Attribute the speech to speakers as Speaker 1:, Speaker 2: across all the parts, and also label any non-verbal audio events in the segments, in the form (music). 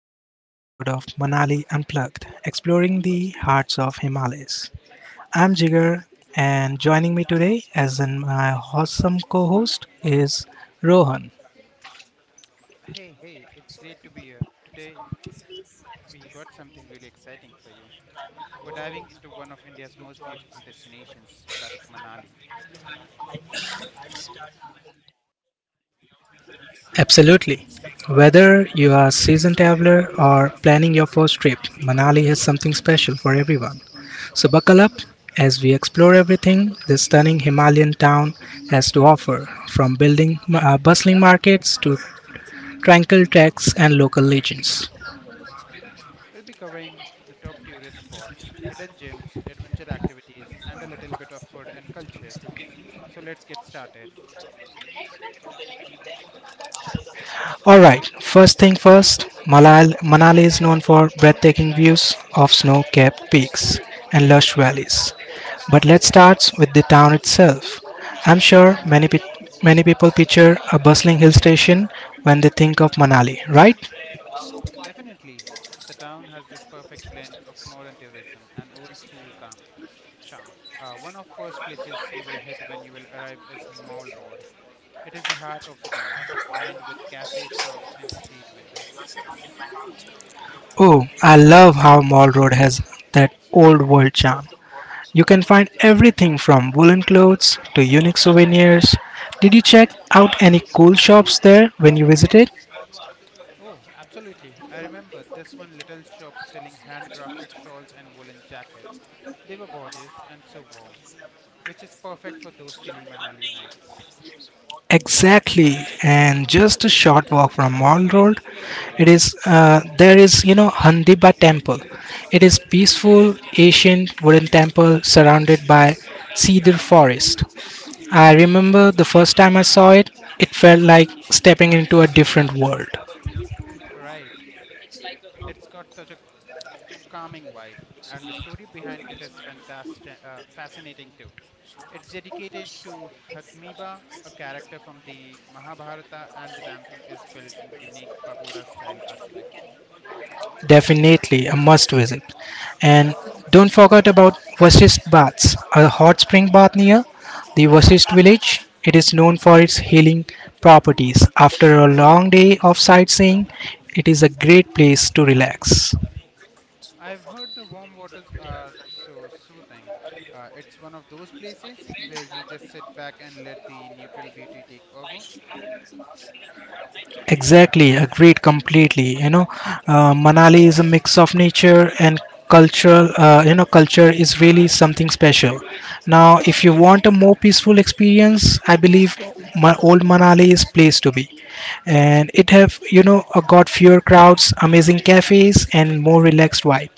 Speaker 1: another episode of Manali Unplugged, exploring the hearts of Himalayas. I'm Jigar, and joining me today as in my awesome co-host is Rohan.
Speaker 2: Hey, hey, it's great to be here. Today, we got something really exciting for you. We're diving into one of India's most beautiful destinations, that is Manali.
Speaker 1: Absolutely. Whether you are a seasoned traveler or planning your first trip, Manali has something special for everyone. So buckle up as we explore everything this stunning Himalayan town has to offer, from building bustling markets to Tranquil tracks and local legends.
Speaker 2: We'll be covering the top tourist spots, hidden gems, adventure activities, and a little bit of food and culture too. So let's get started.
Speaker 1: Alright, first thing first, Manali is known for breathtaking views of snow capped peaks and lush valleys. But let's start with the town itself. I'm sure many people picture a bustling hill station when they think of Manali, right?
Speaker 2: Definitely, the town has this perfect blend of modern tourism and old school calm charm. One of first places you will hit when you will arrive is Mall Road. It is the heart of the town, lined with cafes, shops, and street vendors.
Speaker 1: Oh, I love how Mall Road has that old world charm. You can find everything from woolen clothes to unique souvenirs. Did you check out any cool shops there when you visited?
Speaker 2: Oh, absolutely. I remember this one little shop selling handcrafted shawls and woolen jackets. They were gorgeous and so warm, which is perfect for those chilly Manali nights.
Speaker 1: Exactly, and just a short walk from Mall Road, it is there is you know Handiba Temple. It is peaceful ancient wooden temple surrounded by cedar forest. I remember the first time I saw it, it felt like stepping into a different world.
Speaker 2: Right. It's got such a calming vibe, and the story behind it is fascinating too. It's dedicated to Hadmiba, a character from the Mahabharata, and the temple is built in the unique pagoda style architecture.
Speaker 1: Definitely a must visit. And don't forget about Vasist Baths, a hot spring bath near the Vasist village. It is known for its healing properties. After a long day of sightseeing, it is a great place to relax.
Speaker 2: I've heard the warm waters are so soothing. It's one of those places (laughs) where you just sit back and let the neutral beauty take over.
Speaker 1: Exactly, agreed completely. Manali is a mix of nature and cultural. Culture is really something special. Now, if you want a more peaceful experience, I believe my old Manali is place to be, and it have got fewer crowds, amazing cafes, and more relaxed vibe.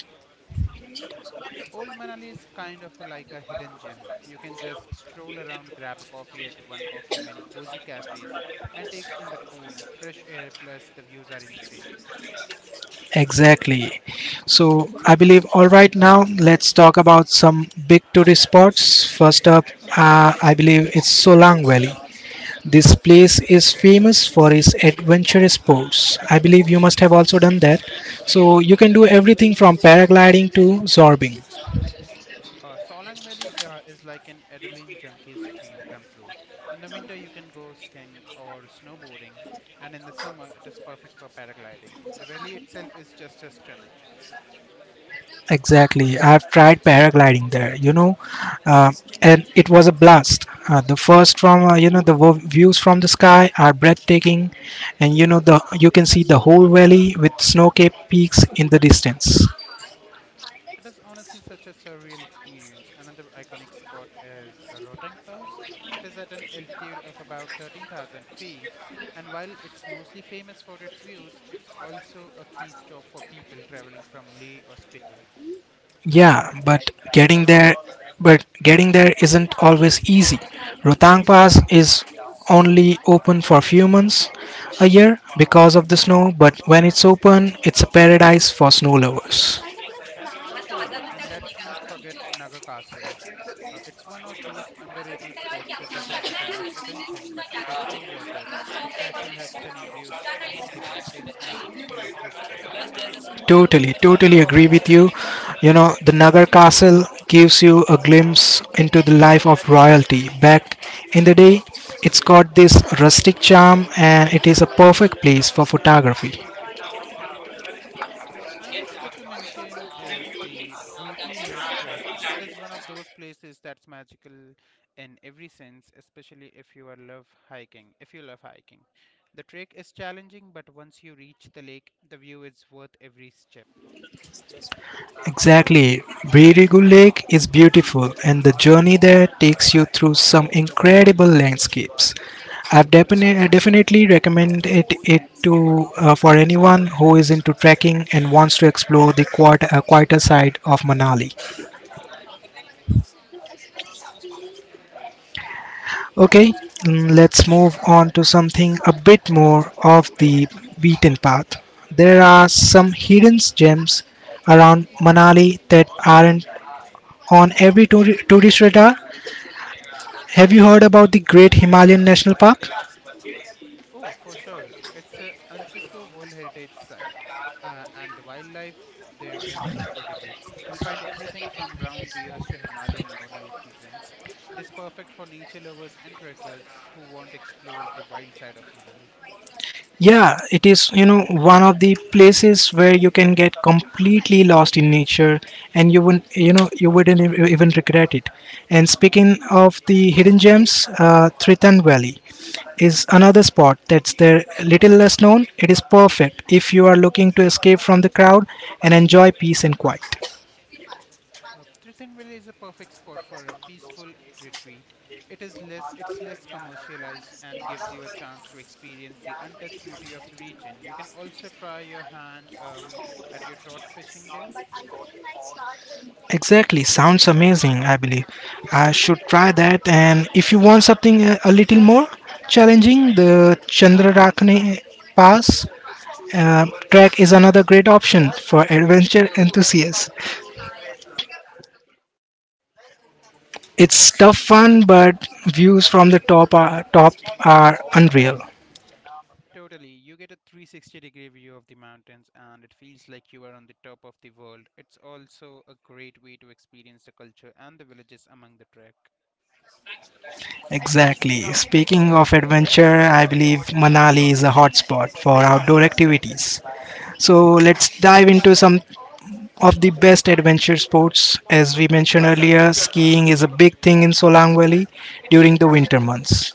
Speaker 2: Old Manali is kind of like a hidden gem. You can just stroll around, grab a coffee at one of the many cozy cafes, and take in the cool, fresh air, plus, the views are insane.
Speaker 1: Exactly. So I believe all right now let's talk about some big tourist spots. First up, I believe it's Solang Valley. This place is famous for its adventurous sports. I believe you must have also done that. So you can do everything from paragliding to zorbing.
Speaker 2: Solang Valley is like an adrenaline junkie's dream come true. In the winter, you can go skiing or snowboarding, and in the summer, it is perfect for paragliding. The valley itself is just as stunning.
Speaker 1: Exactly. I've tried paragliding there, uh, and it was a blast. The first from, you know, the wo- views from the sky are breathtaking, and you can see the whole valley with snow capped peaks in the distance.
Speaker 2: It is honestly such a surreal experience. Another iconic spot is Rotang Pass. It is at an altitude of about 13,000 feet, and while it's mostly famous for its views, it's also a key stop for people traveling from Leh or Spiti.
Speaker 1: Yeah, getting there but getting there isn't always easy. Rotang Pass is only open for a few months a year because of the snow, but when it's open, it's a paradise for snow lovers.
Speaker 2: For sure, and let's not forget Naga Castle. It's one of those underrated spots that doesn't get a much attention, but it is so worth it. The castle has stunning views of the mountains and it's full of history.
Speaker 1: Totally, totally agree with you. You know, the Nagar Castle gives you a glimpse into the life of royalty. Back in the day, it's got this rustic charm and it is a perfect place for photography.
Speaker 2: Mm, another spot to mention is the Broogie Lake Trek. It is one of those places that's magical in every sense, especially if you are love hiking. If you love hiking, the trek is challenging, but once you reach the lake, the view is worth every step.
Speaker 1: Exactly. Birigu Lake is beautiful, and the journey there takes you through some incredible landscapes. I definitely recommend it, it to for anyone who is into trekking and wants to explore the quieter side of Manali. Okay, let's move on to something a bit more of the beaten path. There are some hidden gems around Manali that aren't on every tourist radar. Have you heard about the Great Himalayan National Park?
Speaker 2: Oh, for sure. It's a UNESCO World Heritage Site, and the wildlife there is incredible. You'll find everything from brown bears to Himalayan monal pheasants. It is perfect for nature lovers and trekkers who want to explore the wild side of Manali.
Speaker 1: Yeah, it is, you know, one of the places where you can get completely lost in nature and you wouldn't even regret it. And speaking of the hidden gems, Triton Valley is another spot that's there little less known. It is perfect if you are looking to escape from the crowd and enjoy peace and quiet.
Speaker 2: Trittonville is a perfect spot for a peaceful retreat. It's less commercialized and gives you a chance to experience the untouched beauty of the region. You can also try your hand at your trout fishing there.
Speaker 1: Exactly, sounds amazing, I believe. I should try that. And if you want something a little more challenging, the Chandrarakhne Pass uh, track is another great option for adventure enthusiasts. It's tough fun, but views from the top are unreal.
Speaker 2: Totally, you get a 360-degree view of the mountains and it feels like you are on the top of the world. It's also a great way to experience the culture and the villages among the trek.
Speaker 1: Exactly. Speaking of adventure, I believe Manali is a hotspot for outdoor activities. So let's dive into some of the best adventure sports. As we mentioned earlier, skiing is a big thing in Solang Valley during the winter months.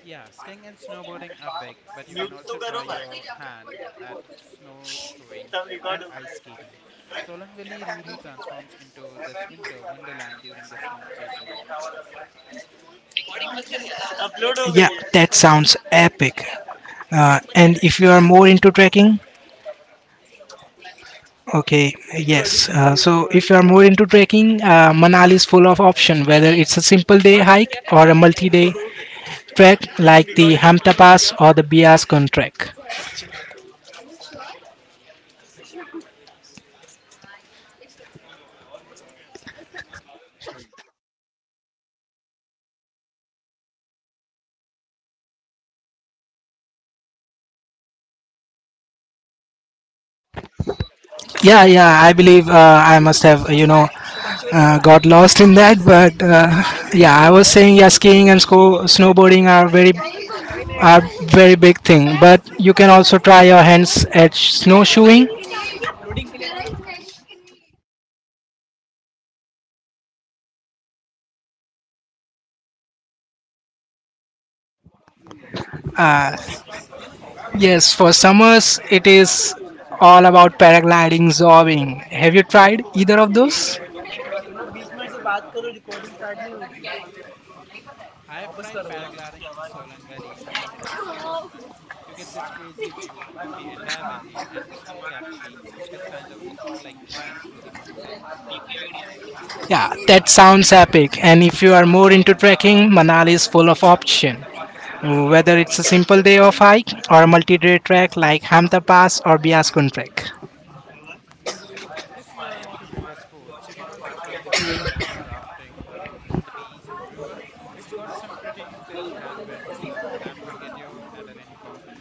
Speaker 2: Yeah, skiing and snowboarding are big, but you can also try your hand at snowshoeing and ice skating. Solong Valley really transforms into this winter wonderland during the snow season.
Speaker 1: Yeah, that sounds epic. And if you are more into trekking, okay, yes. So if you are more into trekking, Manali is full of options, whether it's a simple day hike or a multi day trek like the Hamta Pass or the Bias Gun Trek. Yeah, I believe I must have, got lost in that. But yeah, I was saying, yeah, snowboarding are very big thing. But you can also try your hands at snowshoeing. Uh, yes, for summers it is all about paragliding, zorbing. Have you tried either of those?
Speaker 2: I have tried paragliding in Solang Valley and it was so much fun. You get this crazy view of the entire valley and the snow capped peaks. It is kind of like flying through the mountains.
Speaker 1: Yeah, that sounds epic. And if you are more into trekking, Manali is full of option, whether it's a simple day of hike or a multi-day trek like Hamta Pass or Biaskun Trek.
Speaker 2: If you are into river sports, you can also try the white water rafting on the Bees River. It's got some pretty intense rapids that will get your adrenaline pumping.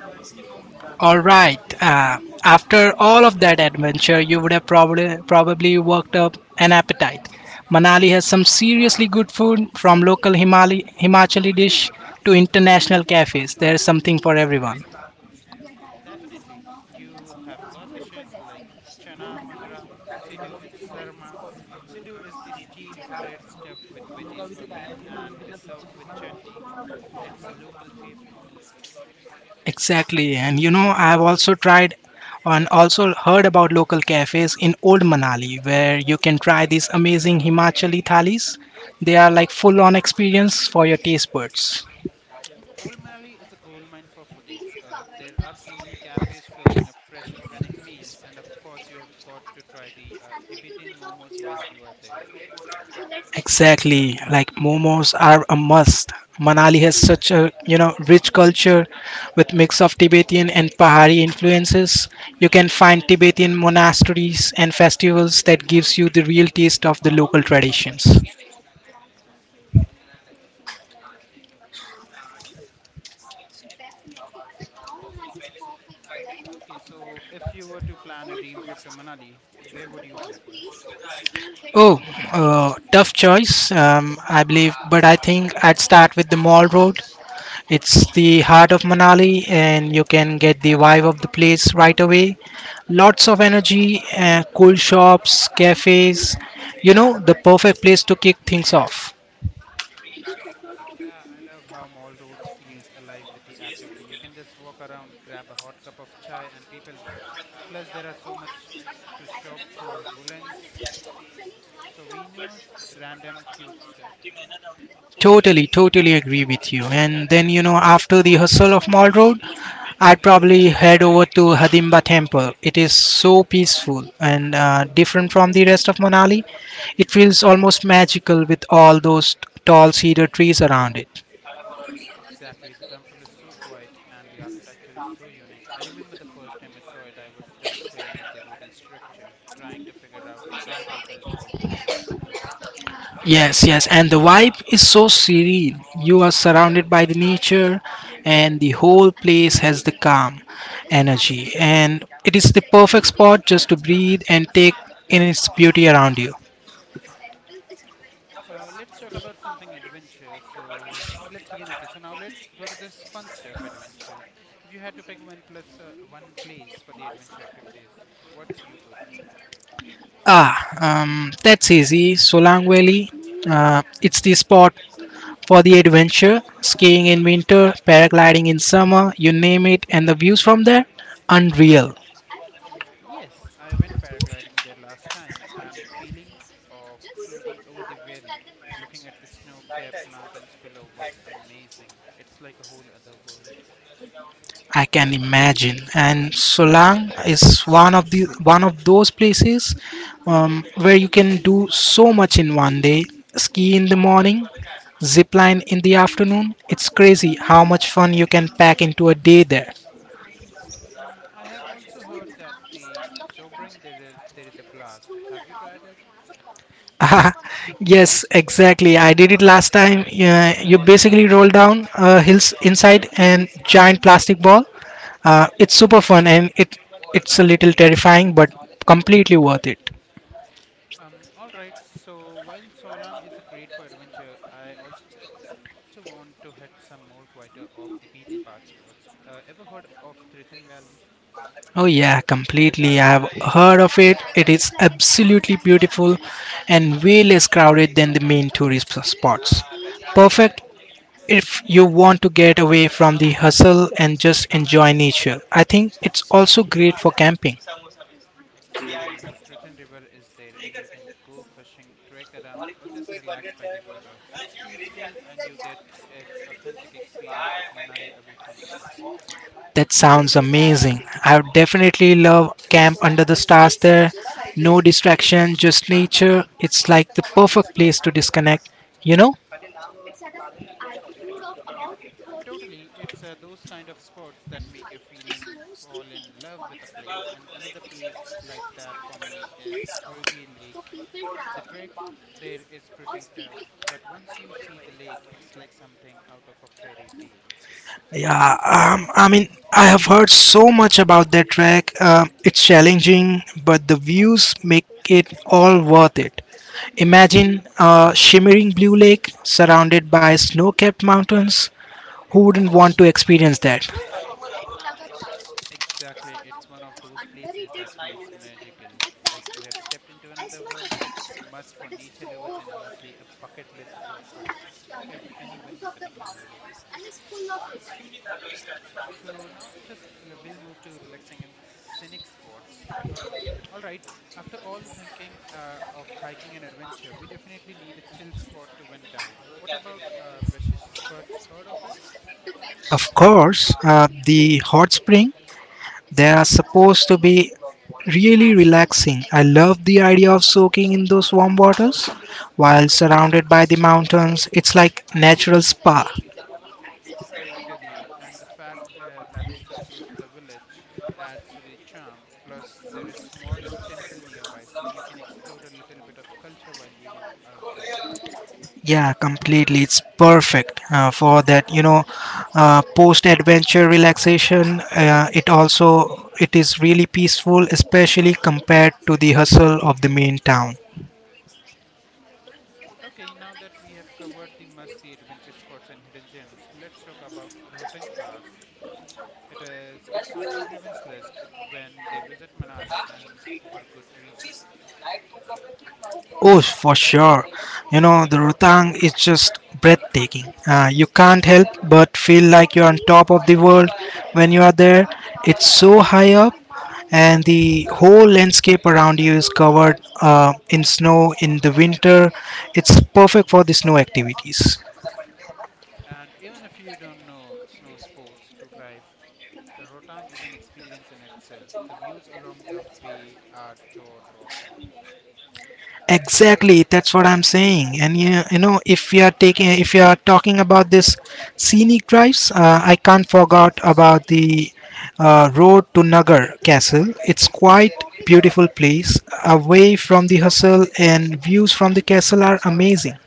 Speaker 1: All right. After all of that adventure, you would have probably worked up an appetite. Manali has some seriously good food, from local Himachali dish to international cafes. There is something for everyone.
Speaker 2: Definitely. You have got dishes like chana mudra, siddu, and sarma. Siddu is the steamed bread stuffed with veggies or meat and it is served with chutney. It's a local favorite.
Speaker 1: Exactly. And you know, I've also tried and also heard about local cafes in Old Manali where you can try these amazing Himachali thalis. They are like full on experience for your taste buds.
Speaker 2: Old Manali is a goldmine for foodies. There are so many cafes serving up fresh organic meals, and of course, you have got to try the Tibetan momos while you are there.
Speaker 1: Exactly. Like momos are a must. Manali has such a, you know, rich culture with mix of Tibetan and Pahari influences. You can find Tibetan monasteries and festivals that gives you the real taste of the local traditions.
Speaker 2: Okay, so if you were to plan a dream trip to Manali, where would you go first?
Speaker 1: Oh, tough choice, I believe, but I think I'd start with the Mall Road. It's the heart of Manali, and you can get the vibe of the place right away. Lots of energy, cool shops, cafes, you know, the perfect place to kick things off.
Speaker 2: Yeah, I love how mall roads feels alive with the activity. You can just walk around, grab a hot cup of chai and people watch. Plus there are so much to shop for woolens, souvenirs, random cute stuff.
Speaker 1: Totally, totally agree with you. And then, you know, after the hustle of Mall Road, I'd probably head over to Hadimba Temple. It is so peaceful and different from the rest of Manali. It feels almost magical with all those tall cedar trees around it.
Speaker 2: Exactly, the temple is so quiet and the architecture is so unique. I remember the first time I saw it, I was just staring at the wooden structure, trying to figure out how they built all those years ago.
Speaker 1: Yes, and the vibe is so serene. You are surrounded by the nature, and the whole place has the calm energy. And it is the perfect spot just to breathe and take in its beauty around you.
Speaker 2: Let's talk about something adventure. So let's begin. Okay, so now let's go to this fun stuff adventure. If you had to pick one place for the adventure activities, what's you go to?
Speaker 1: That's easy. Solang Valley. It's the spot for the adventure. Skiing in winter, paragliding in summer, you name it, and the views from there? Unreal.
Speaker 2: Yes, I went paragliding there last time, and the feeling of floating over the valley, looking at the snow-capped mountains below, was amazing. It's like a whole other world.
Speaker 1: I can imagine. And Solang is one of those places where you can do so much in one day. Ski in the morning, zip line in the afternoon. It's crazy how much fun you can pack into a day there.
Speaker 2: Mm, I have also heard that the Zobring there is a blast. Have you tried it?
Speaker 1: (laughs) Yes, exactly. I did it last time. Yeah, you basically roll down hills inside an giant plastic ball. It's super fun and it's a little terrifying, but completely worth it.
Speaker 2: All right. So while Solang is a great for adventure, I also want to hit some more quieter off the beaten path spots. Ever heard of Tritton Valley?
Speaker 1: Oh yeah, completely. I've heard of it. It is absolutely beautiful and way less crowded than the main tourist spots. Perfect if you want to get away from the hustle and just enjoy nature. I think it's also great for camping.
Speaker 2: Exactly. The Triton River is there, and you can go fishing, trek around, or just relax by the water. It's peaceful, and you get its authentic experience of Manali away from the crowds.
Speaker 1: That sounds amazing. I would definitely love camp under the stars there. No distraction, just nature. It's like the perfect place to disconnect, you know?
Speaker 2: Uh, Totally, it's those kind of spots that make you feel and fall in love with a place. And another place like that for me is Brugge Lake. The trek there is pretty tough, but once you see the lake, it's like something out of a fairy tale.
Speaker 1: Yeah, I mean, I have heard so much about that track. It's challenging, but the views make it all worth it. Imagine a shimmering blue lake surrounded by snow capped mountains. Who wouldn't want to experience that?
Speaker 2: Exactly. It's one of those places that feels magical, like you have stepped into another world. It's must for nature lovers and honestly a bucket list spot for anyone visiting Manali. So now we'll move to relaxing and scenic spots. All right. After all the thinking of hiking and adventure, we definitely need a chill spot to wind down. What about Vashisht Butts? Heard of it?
Speaker 1: Of course, the hot spring. They are supposed to be really relaxing. I love the idea of soaking in those warm waters while surrounded by the mountains. It's like natural spa.
Speaker 2: Totally, and the fact that is so close to the village adds to the charm. Plus, there is small temple nearby, so you can explore a little bit of culture while you are at it.
Speaker 1: Yeah, completely. It's perfect for that, you know, post-adventure relaxation. It also it is really peaceful, especially compared to the hustle of the main town.
Speaker 2: Okay, now that we have covered the must-see adventure spots and hidden gems, let's talk about Rohtang Pass. It's on everyone's list when they visit Manali, and for good reason.
Speaker 1: Oh, for sure. You know, the Rotang is just breathtaking. You can't help but feel like you're on top of the world when you are there. It's so high up, and the whole landscape around you is covered in snow in the winter. It's perfect for the snow activities.
Speaker 2: And even if you don't know snow sports to drive, the Rotang is an experience in itself. The views along the way are jaw dropping.
Speaker 1: Exactly, that's what I'm saying. And you know, if you are talking about this scenic drives, I can't forget about the road to Nagar Castle. It's quite beautiful place, away from the hustle, and views from the castle are amazing.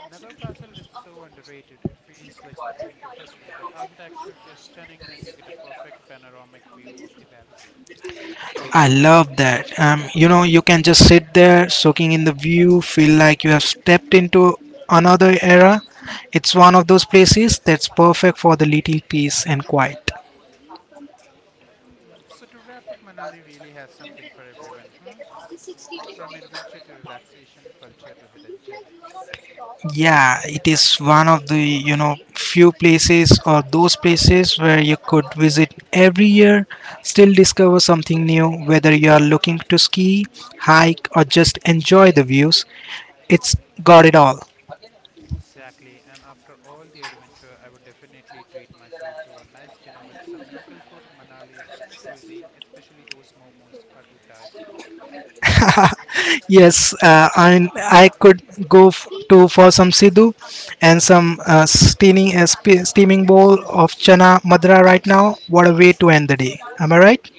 Speaker 2: Nagar Castle is so underrated, it feels like stepping into history. The architecture is stunning and you get a perfect panoramic view of the valley.
Speaker 1: I love that. You know, you can just sit there, soaking in the view, feel like you have stepped into another era. It's one of those places that's perfect for the little peace and quiet.
Speaker 2: Mm, so, to wrap up, Manali really has something for everyone, huh? From adventure to relaxation, culture to hidden gems.
Speaker 1: Yeah, it is one of the, you know, few places or those places where you could visit every year, still discover something new, whether you are looking to ski, hike, or just enjoy the views. It's got it all.
Speaker 2: Exactly, and after all the adventure, I would definitely treat myself to a nice dinner with some local food. Manali's cuisine, especially those momos, are to die for.
Speaker 1: (laughs) Yes, I mean, I could go f- to for some sidhu and some steaming bowl of chana madra right now. What a way to end the day. Am I right?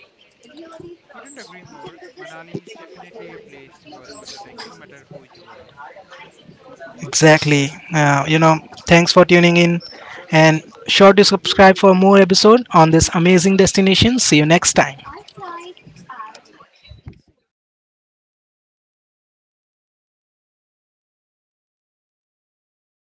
Speaker 2: Couldn't agree more. Manali is definitely a place worth visiting, no matter who you are.
Speaker 1: Exactly. You know, thanks for tuning in and sure to subscribe for more episode on this amazing destination. See you next time.